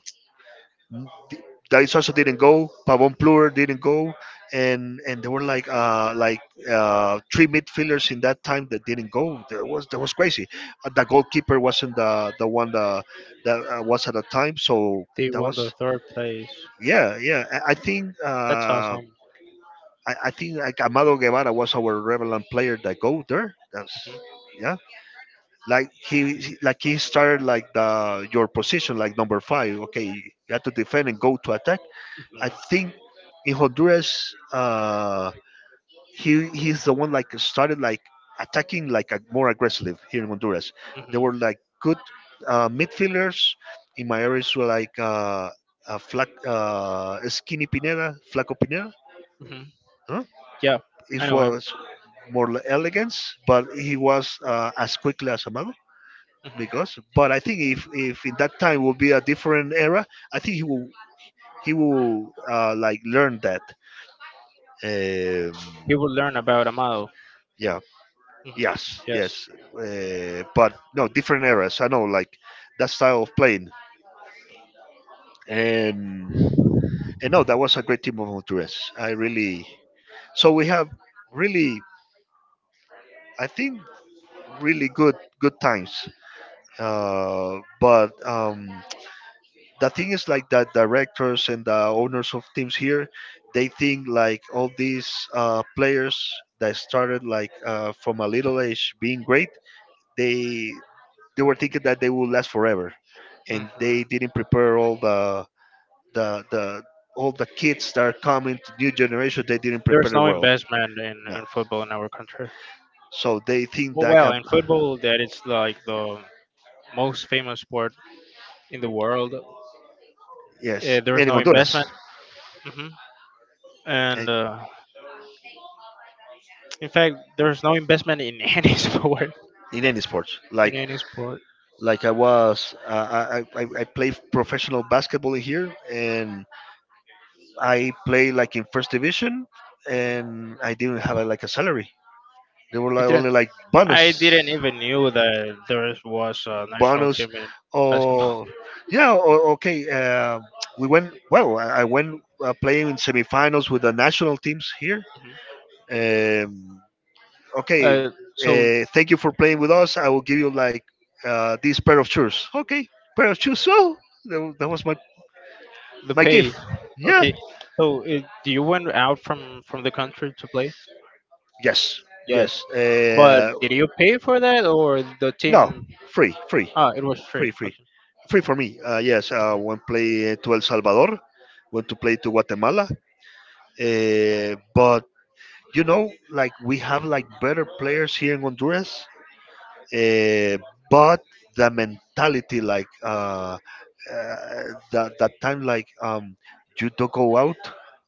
Th- Thais also didn't go. Pavon Plur didn't go, and and there were like uh like uh three midfielders in that time that didn't go. There was that was crazy. Uh, the goalkeeper wasn't the the one that that uh, was at the time. So They that won was the third place. yeah yeah. I, I think That's uh awesome. I, I think like Amado Guevara was our relevant player that go there. That's yeah. Like he he- like he started like the your position like number five. Okay, you have to defend and go to attack. I Mhm. think in Honduras, uh, he he's the one like started like attacking like a, more aggressively here in Honduras. There Mhm. were like good uh, midfielders in my areas were like uh, uh, Flac, uh, Skinny Pineda, Flaco Pineda. Mhm. Huh? Yeah, I It know him. was more l- elegance, but he was uh, as quickly as Amado. Mhm. Because, but I think if if in that time would be a different era, I think he will he will uh, like learn that. Um, He would learn about Amado. yeah Mhm. yes Yes. yes uh, but no different eras I know like that style of playing and and no that was a great team of honduras I really so we have really I think really good good times uh, but um, the thing is like the directors and the owners of teams here they think like all these uh, players that started like uh, from a little age being great they they were thinking that they would last forever, and they Hmm. didn't prepare all the the the all the kids that are coming to new generation. They didn't prepare There's the no world. investment in, Nah. in football in our country. So they think Well, that well, I'm in football, that it's like the most famous sport in the world. yes, Uh, there is and in no Honduras, investment, hmm, and and uh, in fact, there is no investment in any sport. in any sports, In like any sport, like I was, uh, I, I I I play professional basketball in here, and I play like in first division, and I didn't have a, like a salary. They were you like didn't. only like Like, bonus. I didn't even knew that there was a national Bonus team in basketball. or yeah o- okay uh, we went well i I went uh, playing in semifinals with the national teams here Mhm. um, okay Uh, so uh, thank you for playing with us I will give you like uh, this pair of shoes okay pair of shoes so that, that was my the my pay, gift yeah okay. So uh, do you went out from from the country to play? yes Yes, yes but uh, did you pay for that, or the no team free free ah, it was free free. free free for me uh, yes uh, went play eh, to el salvador went to play to guatemala uh, but you know, like we have like better players here in Honduras, uh, but the mentality, like uh, uh, that that time, like um, you don't go out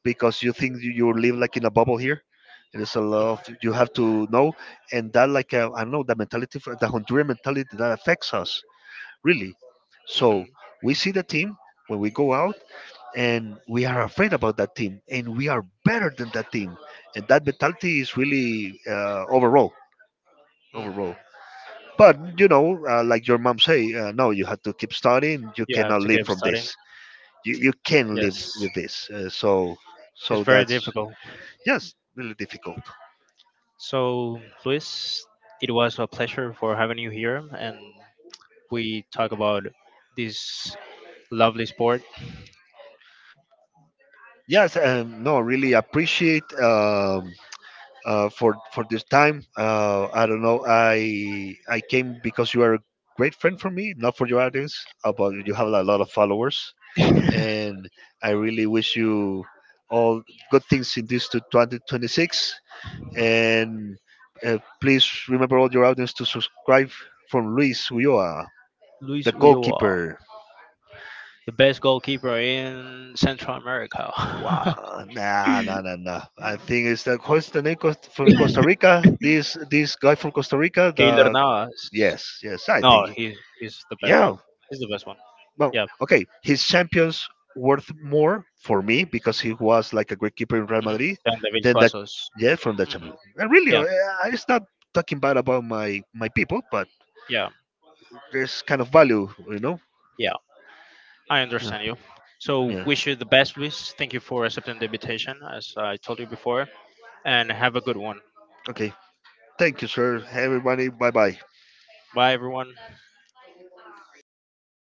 because you think you you live like in a bubble here. And it's a lot of you have to know, and that like uh, I don't know the mentality, for- the Honduran mentality that affects us really. Hmm. So we see the team when we go out and we are afraid about that team, and we are better than that team, and that mentality is really uh, overall, Hmm. overall. But you know, uh, like your mom say, uh, no, you have to keep studying. You You have cannot to live keep from studying. this. You you can live Yes, with this. Uh, so it's so very that's difficult. yes, really difficult. So, Luis, it was a pleasure for having you here, and we talk about this lovely sport. Yes, um, no, really appreciate um, uh, for for this time. Uh, I don't know. I I came because you are a great friend for me, not for your audience. About you have a lot of followers, and I really wish you all good things in this to twenty twenty-six. And uh, please remember all your audience to subscribe from Luis Ulloa, Luis the Ulloa, goalkeeper. the best goalkeeper in Central America. Wow, nah, nah, nah, nah. I think it's the what's the name Cost- from Costa Rica? This this guy from Costa Rica. Keylor The Navas. yes, yes, I think No, he- he's he's the best one. yeah. He's the best one. Well, Yeah. okay, his champions worth more for me because he was like a great keeper in Real Madrid Than the than Vichwa. that. Yeah, from that Mhm. champion. And really, uh, Yeah, I- I'm just not talking bad about my my people, but yeah, there's kind of value, you know. yeah. I Yeah. understand you. So Yeah. wish you the best, Luis. Thank you for accepting the invitation, as I told you before, and have a good one. Okay. Thank you, sir. Hey, everybody. Bye bye. Bye, everyone.